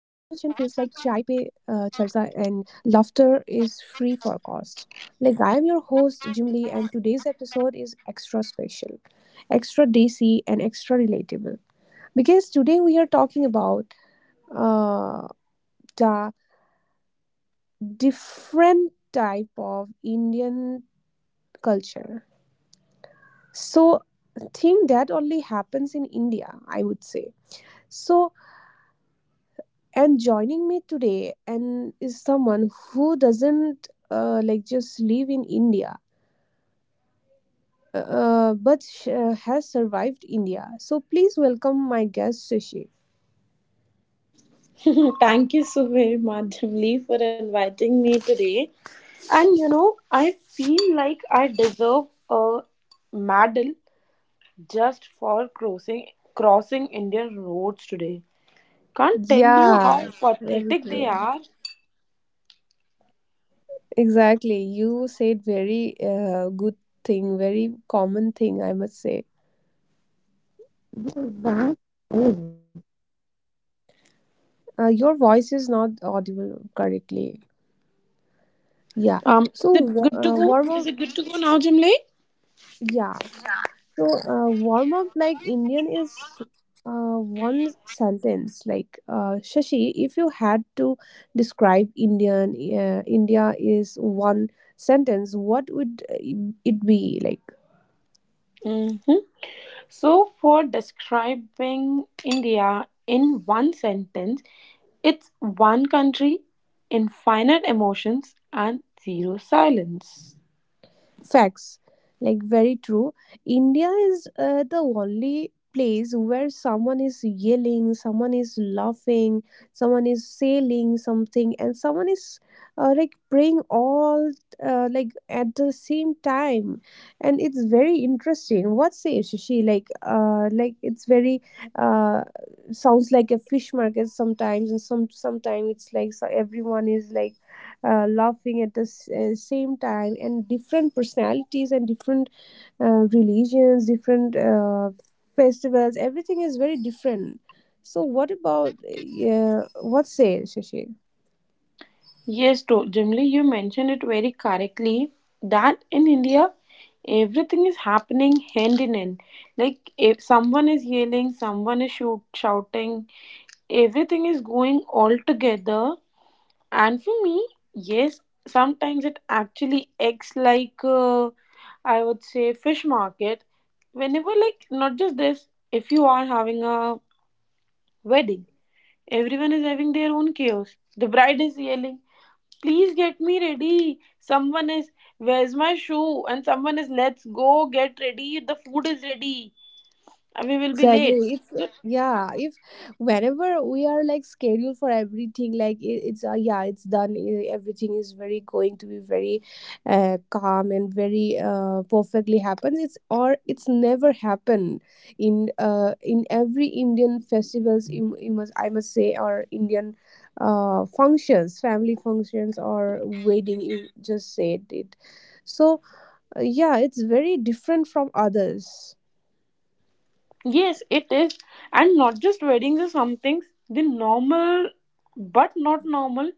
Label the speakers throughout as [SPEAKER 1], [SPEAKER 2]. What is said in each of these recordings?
[SPEAKER 1] Charsa and laughter is free for cost. Like I am your host Jim Lee, and today's episode is extra special, extra DC, and extra relatable because today we are talking about uh, the different type of Indian culture. So thing that only happens in India, I would say. So and joining me today and is someone who doesn't just live in India, but has survived India. So please welcome my guest Sushi.
[SPEAKER 2] Thank you so very much, Jamli, for inviting me today. And you know, I feel like I deserve a medal just for crossing Indian roads today. Can't tell you how
[SPEAKER 1] Yeah, very
[SPEAKER 2] pathetic they
[SPEAKER 1] true.
[SPEAKER 2] are.
[SPEAKER 1] Exactly. You said very good thing, very common thing, I must say. Your voice is not audible correctly. Yeah.
[SPEAKER 2] Um,
[SPEAKER 1] So
[SPEAKER 2] is it good to go?
[SPEAKER 1] warm up.
[SPEAKER 2] Is it good to go now, Jamli?
[SPEAKER 1] Yeah. So warm up like Indian is one sentence like Shashi. If you had to describe India is one sentence, what would it be like?
[SPEAKER 2] hmm So, for describing India in one sentence, it's one country, infinite emotions, and zero silence.
[SPEAKER 1] Facts, like very true. India is the only place where someone is yelling, someone is laughing, someone is saying something, and someone is like praying all like at the same time, and it's very interesting. What say Shashi? Like it's very uh, sounds like a fish market sometimes, and sometimes it's like so everyone is like laughing at the same time and different personalities and different religions, different festivals, everything is very different. So what about yeah, what say Shashi?
[SPEAKER 2] Yes, Jimli, you mentioned it very correctly that in India, everything is happening hand in hand. Like, if someone is yelling, someone is shouting, everything is going all together. And for me, yes, sometimes it actually acts like, I would say, fish market. Whenever, like, not just this, if you are having a wedding, everyone is having their own chaos. The bride is yelling, "Please get me ready." Someone is, "Where's my shoe?" And someone is, "Let's go get ready. The food is ready and we will be late."
[SPEAKER 1] Exactly, it's.
[SPEAKER 2] So,
[SPEAKER 1] Yeah, if whenever we are like scheduled for everything like it, it's yeah, it's done, everything is very going to be very calm and very perfectly happens, it's or it's never happened in every Indian festivals, you must, I must say, or Indian functions, family functions, or wedding, you just said it. So yeah, it's very different from others.
[SPEAKER 2] yes, it is, and not just weddings or some things. The normal, but not normal,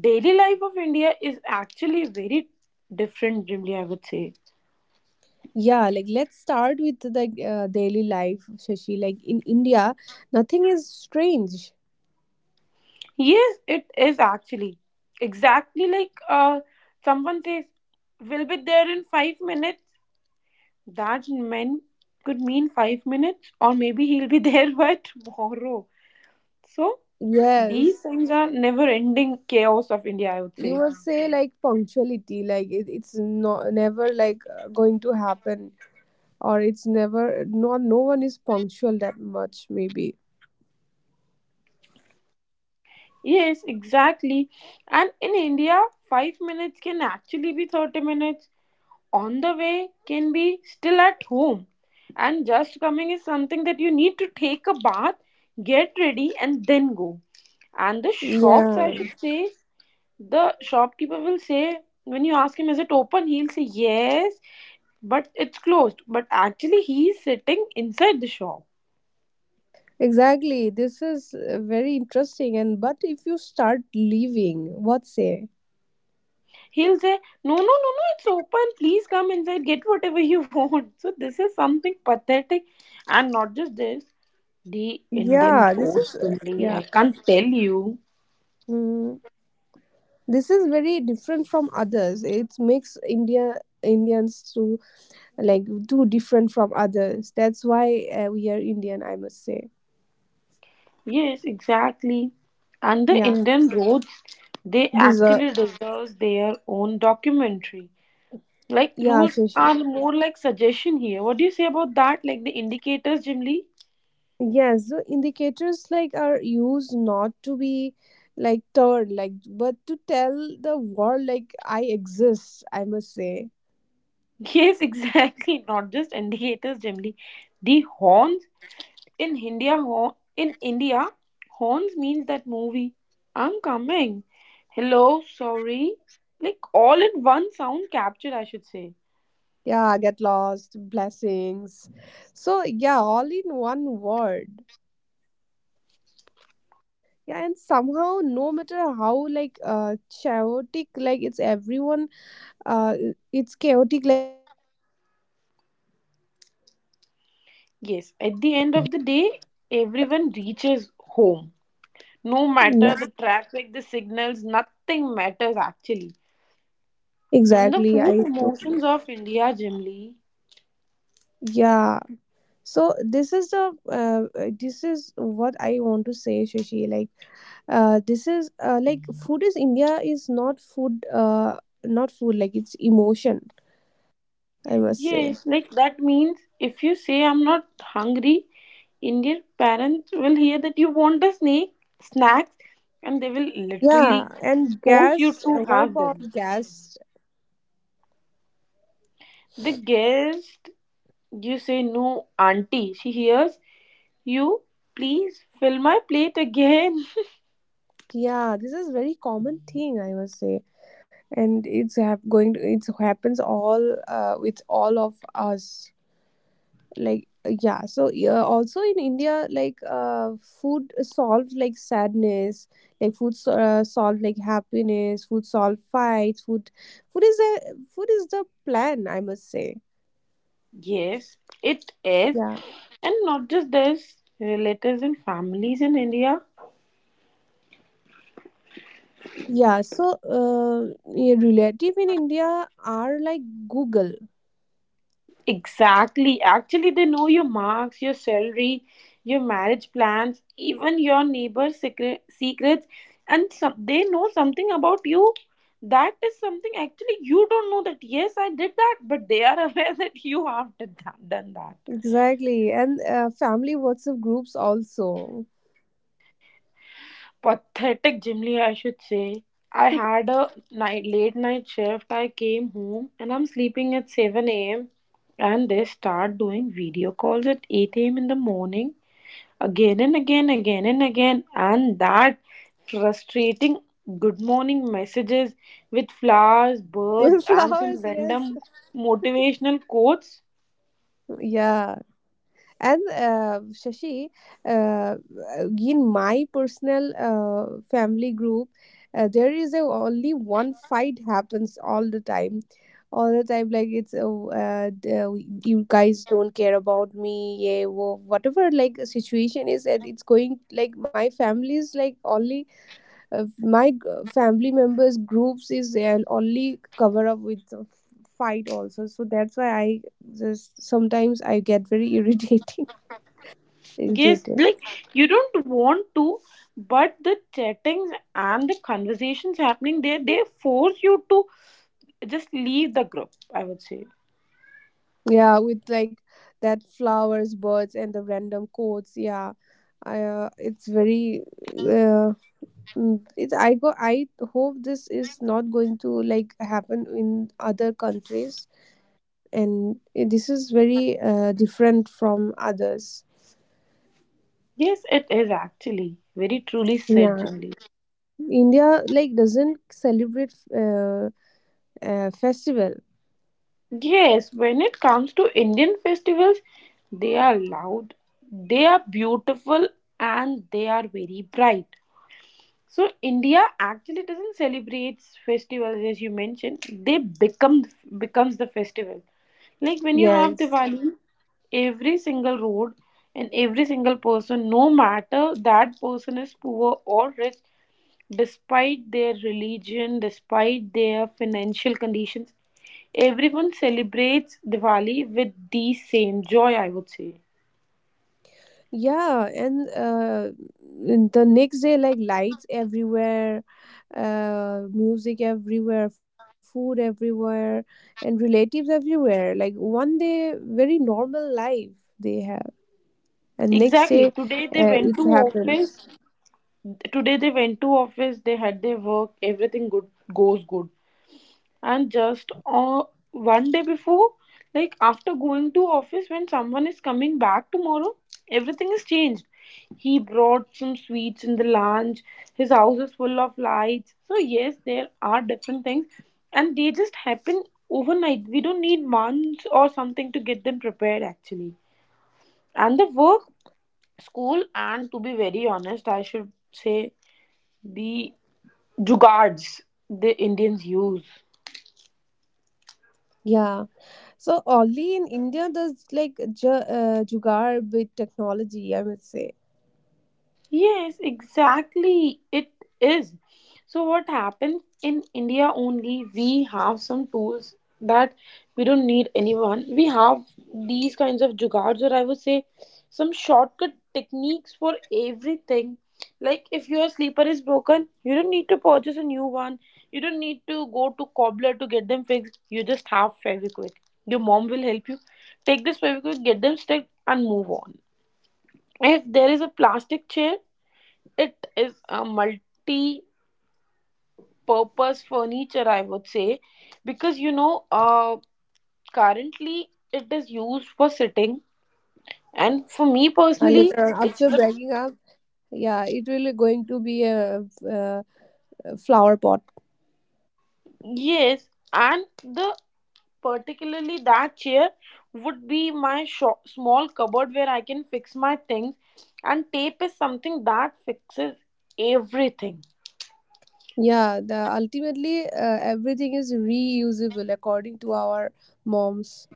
[SPEAKER 2] daily life of India is actually very different, Jimly, I would say.
[SPEAKER 1] Yeah, like let's start with the daily life, Shashi. Like in India, nothing is strange.
[SPEAKER 2] Yes, it is actually. Exactly, like, someone says, we'll be there in 5 minutes. That meant could mean 5 minutes, or maybe he'll be there by tomorrow. So these
[SPEAKER 1] Yes,
[SPEAKER 2] things are never ending chaos of India, I would
[SPEAKER 1] you
[SPEAKER 2] say.
[SPEAKER 1] would say like punctuality, like it's not never like going to happen, or it's never, not no one is punctual that much maybe.
[SPEAKER 2] Yes, exactly. And in India, 5 minutes can actually be 30 minutes, on the way can be still at home, and just coming is something that you need to take a bath, get ready, and then go. And the shops, I
[SPEAKER 1] Yeah,
[SPEAKER 2] should say, the shopkeeper will say, when you ask him is it open, he'll say yes, but it's closed, but actually he's sitting inside the shop.
[SPEAKER 1] exactly. This is very interesting. And but if you start leaving, what say?
[SPEAKER 2] He'll say, no, it's open, please come inside, get whatever you want. So this is something pathetic. And not just this, the Indian
[SPEAKER 1] Yeah, this is
[SPEAKER 2] roads, Simli,
[SPEAKER 1] yeah.
[SPEAKER 2] I can't tell you.
[SPEAKER 1] Hmm. This is very different from others. It makes India, Indians to like too different from others. That's why we are Indian, I must say.
[SPEAKER 2] Yes, exactly. And the
[SPEAKER 1] Yeah,
[SPEAKER 2] Indian roads, they
[SPEAKER 1] these are.
[SPEAKER 2] actually deserve their own documentary. Like,
[SPEAKER 1] Yeah,
[SPEAKER 2] rules
[SPEAKER 1] sure. Sure.
[SPEAKER 2] are more like suggestion here. What do you say about that? Like the indicators, Jimly?
[SPEAKER 1] Yes, the indicators like are used not to be like turned like but to tell the world like I exist, I must say.
[SPEAKER 2] Yes, exactly. Not just indicators, Jimly. The horns in India, horn in India, horns means that movie. I'm coming. Hello, sorry. Like all in one sound captured, I should say.
[SPEAKER 1] Yeah, get lost blessings. So yeah, all in one word. Yeah, and somehow no matter how like chaotic like it's everyone uh it's chaotic like.
[SPEAKER 2] Yes, at the end of the day, everyone reaches home. No matter
[SPEAKER 1] Yeah,
[SPEAKER 2] the traffic, the signals, nothing matters actually. And the
[SPEAKER 1] exactly,
[SPEAKER 2] food
[SPEAKER 1] I do.
[SPEAKER 2] emotions of India, Jimli.
[SPEAKER 1] Yeah, so this is the this is what I want to say, Shashi. Like this is like food is India is not food, not food, like it's emotion, I must say.
[SPEAKER 2] Yes, like that means if you say I'm not hungry, Indian parents will hear that you want a snacks, and they will
[SPEAKER 1] Yeah,
[SPEAKER 2] literally
[SPEAKER 1] and
[SPEAKER 2] force you
[SPEAKER 1] gas,
[SPEAKER 2] to
[SPEAKER 1] what
[SPEAKER 2] have
[SPEAKER 1] about
[SPEAKER 2] them.
[SPEAKER 1] gas?
[SPEAKER 2] The guest, you say no, auntie. She hears you, "Please fill my plate again."
[SPEAKER 1] Yeah, this is very common thing, I must say. And it's going to, it's happens all with all of us. Like yeah, so yeah, also in India like food solved like sadness, like food solved like happiness, food solved fights, food is a, food is the plan, I must say.
[SPEAKER 2] Yes, it is.
[SPEAKER 1] Yeah.
[SPEAKER 2] And not just this, relatives and families in India.
[SPEAKER 1] Yeah, so yeah, relative in India are like Google.
[SPEAKER 2] Exactly. Actually, they know your marks, your salary, your marriage plans, even your secrets. And some, they know something about you. That is something actually you don't know that, yes, I did that, but they are aware that you done that.
[SPEAKER 1] Exactly, and family WhatsApp groups also.
[SPEAKER 2] Pathetic, Jimly, I should say. I had a late night shift. I came home and I'm sleeping at 7 a.m. And they start doing video calls at 8 a.m. in the morning, again and again. And that frustrating good morning messages with flowers, birds,
[SPEAKER 1] With
[SPEAKER 2] and some
[SPEAKER 1] flowers, yes.
[SPEAKER 2] random motivational quotes.
[SPEAKER 1] Yeah. And Shashi, uh, in my personal family group, there is a, only one fight happens all the time, all the time. Like it's oh, you guys don't care about me, yeah, whatever like the situation is, and it's going like my family is like only uh, my g- family members groups is only cover up with fight also. So that's why I just sometimes I get very irritating. It
[SPEAKER 2] Yes,
[SPEAKER 1] did.
[SPEAKER 2] like, you don't want to, but the chattings and the conversations happening there, they force you to just leave the group, I would say.
[SPEAKER 1] Yeah, with like that flowers, birds, and the random quotes. Yeah, I, it's very. Uh, it's I go. I hope this is not going to like happen in other countries, and this is very different from others.
[SPEAKER 2] Yes, it is actually. Very truly said,
[SPEAKER 1] Yeah,
[SPEAKER 2] Jim Lee.
[SPEAKER 1] India like doesn't celebrate festival.
[SPEAKER 2] Yes, when it comes to Indian festivals, they are loud, they are beautiful, and they are very bright. So India actually doesn't celebrate festivals; as you mentioned, they becomes the festival. Like when you have
[SPEAKER 1] Yes.
[SPEAKER 2] Diwali, every single road and every single person, no matter that person is poor or rich, despite their religion, despite their financial conditions, everyone celebrates Diwali with the same joy, I would say.
[SPEAKER 1] Yeah, and the next day, like lights everywhere, music everywhere, food everywhere, and relatives everywhere. Like one day, very normal life they have, and next
[SPEAKER 2] Exactly.
[SPEAKER 1] day,
[SPEAKER 2] Today they went to
[SPEAKER 1] it
[SPEAKER 2] office,
[SPEAKER 1] happens.
[SPEAKER 2] today they went to office, they had their work, everything good goes good. And just, one day before, like after going to office, when someone is coming back tomorrow, everything is changed. He brought some sweets in the lunch, his house is full of lights. So yes, there are different things and they just happen overnight. We don't need months or something to get them prepared actually. And the work, school, and to be very honest, I should say, the Jugards the Indians use.
[SPEAKER 1] Yeah. So only in India does like ju jugaad with technology, I must say.
[SPEAKER 2] Yes, exactly. It is. So, what happens in India only? We have some tools that, we don't need anyone. We have these kinds of jugards, or I would say some shortcut techniques for everything. Like, if your sleeper is broken, you don't need to purchase a new one. You don't need to go to cobbler to get them fixed. You just have Fevikwik. Your mom will help you. Take this Fevikwik, get them stuck, and move on. If there is a plastic chair, it is a multi purpose furniture, I would say, because, you know, currently it is used for sitting, and for me personally,
[SPEAKER 1] Later on,
[SPEAKER 2] it's
[SPEAKER 1] after
[SPEAKER 2] the
[SPEAKER 1] breaking up, yeah, it really going to be a, uh flower pot.
[SPEAKER 2] yes, and the particularly that chair would be my sho small cupboard where I can fix my things, and tape is something that fixes everything.
[SPEAKER 1] Yeah, the ultimately everything is reusable according to our moms.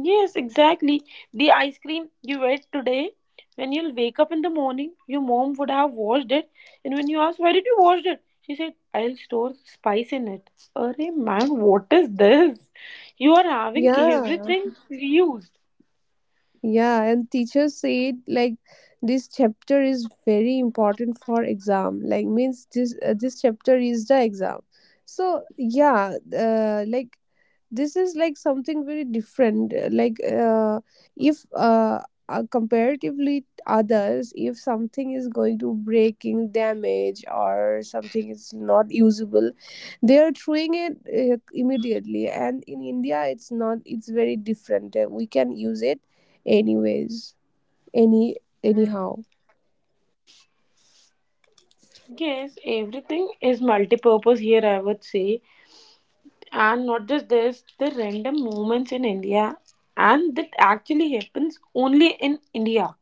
[SPEAKER 2] Yes, exactly. The ice cream you ate today, when you'll wake up in the morning, your mom would have washed it. And when you ask, why did you wash it? She said, I'll store spice in it. Arey man, what is this? You are having
[SPEAKER 1] Yeah.
[SPEAKER 2] everything reused.
[SPEAKER 1] Yeah, and teachers said like this chapter is very important for exam. Like means this chapter is the exam. So yeah, like this is like something very different like if comparatively others, if something is going to breaking damage or something is not usable, they are throwing it immediately, and in India it's not, it's very different. We can use it anyways, any, anyhow.
[SPEAKER 2] Yes, everything is multi-purpose here, I would say. And not just this, the random moments in India, and that actually happens only in India.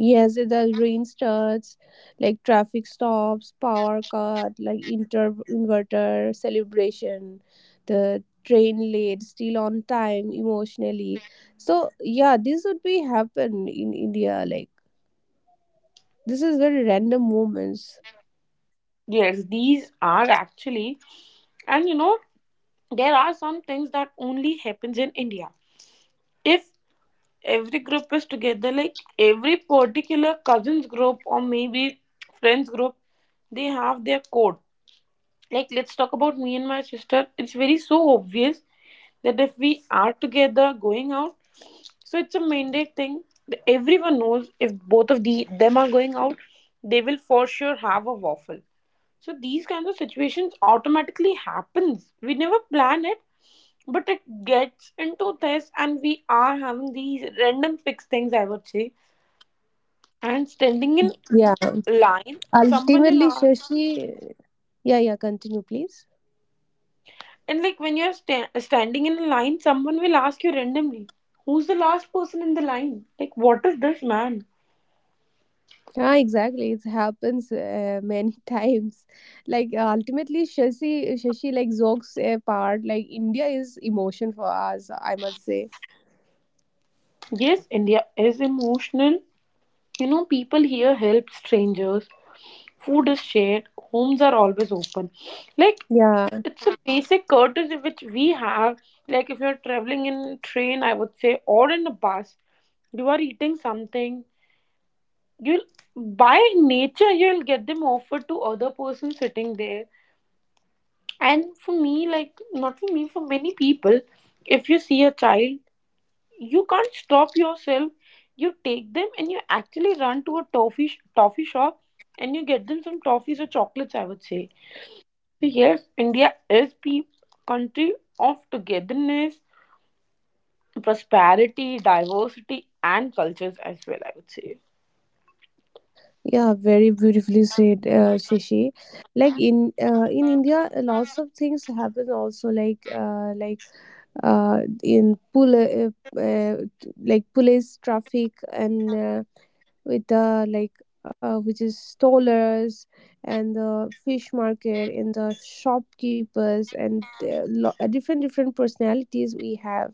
[SPEAKER 1] Yes, the rain starts, like traffic stops, power cut, like inter inverter celebration, the train late, still on time emotionally. So yeah, this would be happen in India. Like this is very random moments.
[SPEAKER 2] Yes, these are actually, and you know, there are some things that only happens in India. If every group is together, like every particular cousins group or maybe friends group, they have their code. Like, let's talk about me and my sister, it's very so obvious that if we are together going out, so it's a mandate thing. Everyone knows, if both of the them are going out, they will for sure have a waffle. So these kinds of situations automatically happens, we never plan it, but it gets into this and we are having these random fixed things, I would say. And standing in
[SPEAKER 1] Yeah.
[SPEAKER 2] line, someone will
[SPEAKER 1] Ultimately,
[SPEAKER 2] ask,
[SPEAKER 1] Shashi. Yeah, yeah. Continue, please.
[SPEAKER 2] and like when you're standing in a line, someone will ask you randomly, who's the last person in the line? Like, what is this, man?
[SPEAKER 1] Yeah, exactly. It happens many times. Like ultimately, Shashi like jokes part. Like India is emotion for us, I must say.
[SPEAKER 2] Yes, India is emotional. You know, people here help strangers, food is shared, homes are always open. Like,
[SPEAKER 1] Yeah,
[SPEAKER 2] it's a basic courtesy which we have. Like if you're traveling in train, I would say, or in a bus, you are eating something. You'll, by nature, you'll get them offered to other person sitting there. And for me, like not for me, for many people, if you see a child, you can't stop yourself. You take them and you actually run to a toffee shop and you get them some toffees or chocolates, I would say. So yes, India is pe country of togetherness, prosperity, diversity, and cultures as well, I would say.
[SPEAKER 1] yeah, very beautifully said, Shashi. Like in India, lots of things happen also. Like in pul uh, like police traffic and with the like which is stallers and the fish market and the shopkeepers and different different personalities we have.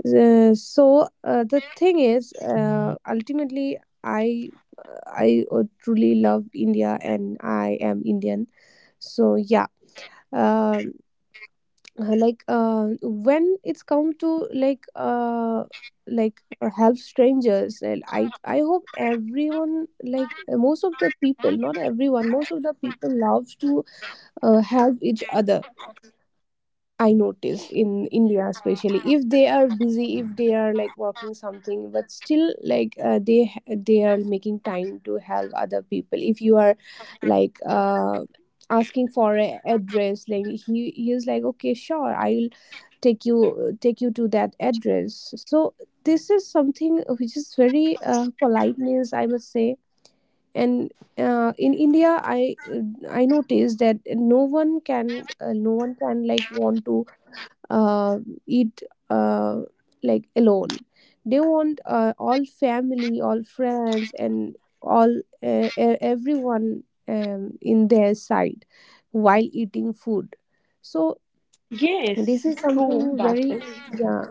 [SPEAKER 1] So the thing is ultimately I truly love India, and I am Indian. So yeah, um like when it's come to like help strangers, and I hope everyone like most of the people, not everyone, most of the people love to help each other. I notice in India especially if they are busy, if they are like working something, but still like they are making time to help other people. If you are like asking for an address, like he is like okay sure I'll take you to that address. So this is something which is very politeness, I must say. And in India I noticed that no one can like want to uh, eat uh, like alone. They want all family, all friends, and all everyone in their side while eating food. So this
[SPEAKER 2] Yes,
[SPEAKER 1] is
[SPEAKER 2] true,
[SPEAKER 1] something
[SPEAKER 2] that
[SPEAKER 1] very
[SPEAKER 2] is.
[SPEAKER 1] yeah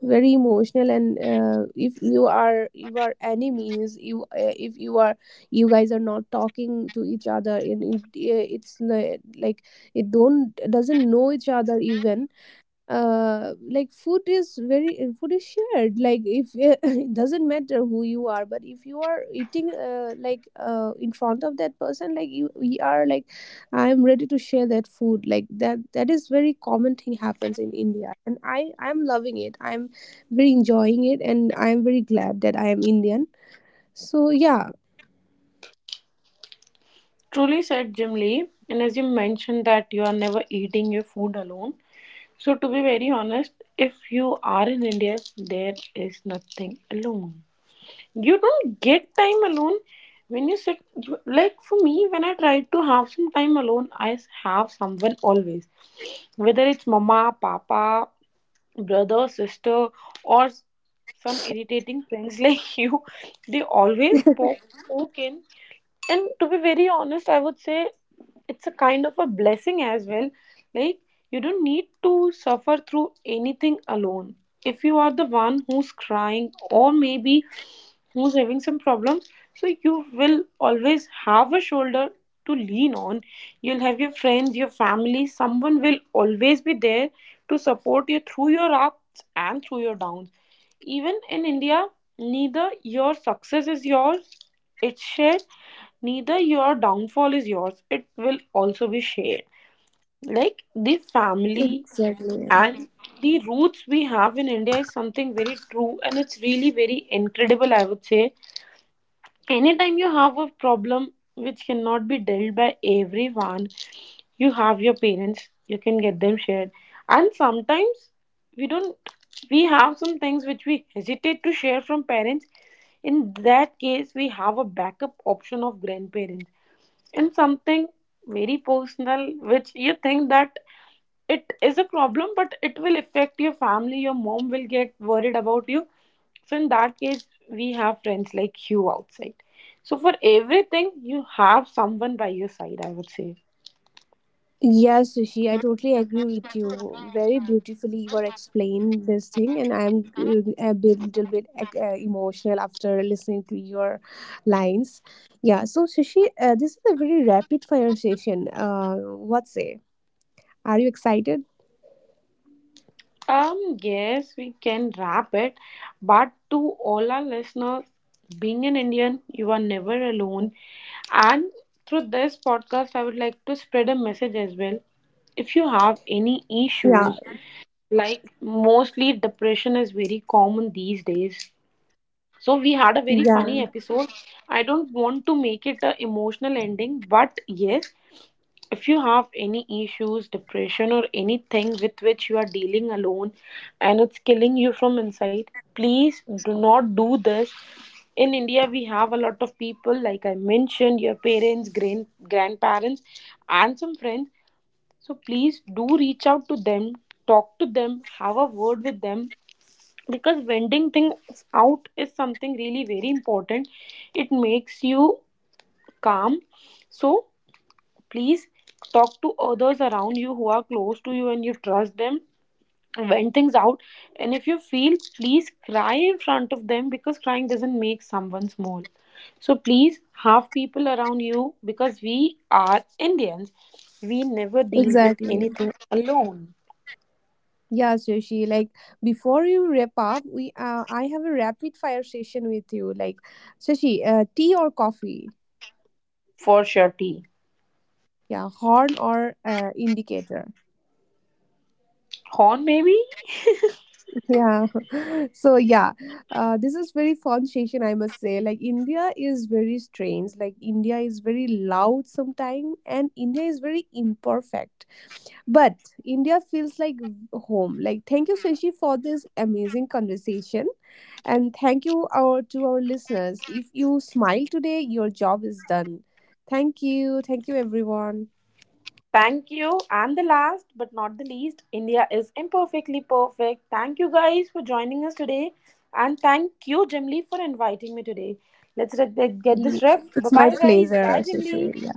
[SPEAKER 1] very emotional. And if you are, you are enemies, you if you are, you guys are not talking to each other, and it's like it don't doesn't know each other even, like food is very food is shared. Like if it doesn't matter who you are, but if you are eating in front of that person, like you we are like I am ready to share that food. Like that that is very common thing happens in India, and I I'm loving it, I'm very enjoying it, and I'm very glad that I am Indian. So yeah,
[SPEAKER 2] Truly said, Jim Lee. And as you mentioned that you are never eating your food alone. So, to be very honest, if you are in India, there is nothing alone. You don't get time alone when you sit. Like for me, when I try to have some time alone, I have someone always. Whether it's mama, papa, brother, sister, or some irritating friends like you, they always poke in. And to be very honest, I would say it's a kind of a blessing as well. Like, you don't need to suffer through anything alone. If you are the one who's crying, or maybe who's having some problems, so you will always have a shoulder to lean on. You'll have your friends, your family, someone will always be there to support you through your ups and through your downs. Even in India, neither your success is yours, it's shared, neither your downfall is yours, it will also be shared. Like, the family
[SPEAKER 1] exactly.
[SPEAKER 2] and the roots we have in India is something very true, and it's really very incredible, I would say. Anytime you have a problem which cannot be dealt by everyone, you have your parents, you can get them shared. And sometimes we don't, we have some things which we hesitate to share from parents. In that case, we have a backup option of grandparents. And something very personal which you think that it is a problem, but it will affect your family, your mom will get worried about you, so in that case, we have friends like you outside. So for everything, you have someone by your side, I would say.
[SPEAKER 1] Yes, Rishi, I totally agree with you. Very beautifully, you were explained this thing, and I'm a bit, little bit emotional after listening to your lines. Yeah, so Shishi, this is a very rapid fire session. What say? Are you excited?
[SPEAKER 2] Yes, we can wrap it. But to all our listeners, being an Indian, you are never alone. And through this podcast, I would like to spread a message as well. If you have any
[SPEAKER 1] Yeah,
[SPEAKER 2] issues, like, mostly depression is very common these days. So we had a very funny
[SPEAKER 1] yeah,
[SPEAKER 2] episode. I don't want to make it an emotional ending, but yes, if you have any issues, depression, or anything with which you are dealing alone and it's killing you from inside, please do not do this. In India, we have a lot of people, like I mentioned, your parents, grandparents, and some friends. So please do reach out to them, talk to them, have a word with them, because vending things out is something really very important, it makes you calm. So please talk to others around you who are close to you and you trust them, vent things out. And if you feel, please cry in front of them, because crying doesn't make someone small. So please have people around you, because we are Indians, we never deal with
[SPEAKER 1] exactly.
[SPEAKER 2] anything alone.
[SPEAKER 1] Yeah, Shishi, like before you wrap up, we I have a rapid fire session with you. Like, Shishi, tea or coffee?
[SPEAKER 2] For sure.
[SPEAKER 1] Yeah, horn or indicator?
[SPEAKER 2] Horn, maybe.
[SPEAKER 1] Yeah. So yeah, this is very fun session, I must say. Like India is very strange, like India is very loud sometimes, and India is very imperfect, but India feels like home. Like thank you Shashi for this amazing conversation, and thank you our to our listeners, if you smile today your job is done. Thank you, thank you everyone.
[SPEAKER 2] Thank you. And the last but not the least, India is imperfectly perfect. Thank you guys for joining us today. And thank you, Jimli, for inviting me today. Let's get this
[SPEAKER 1] Ye-
[SPEAKER 2] rep. Bye
[SPEAKER 1] it's my
[SPEAKER 2] bye, guys. Bye,
[SPEAKER 1] pleasure,
[SPEAKER 2] Jimli.
[SPEAKER 1] Shashi.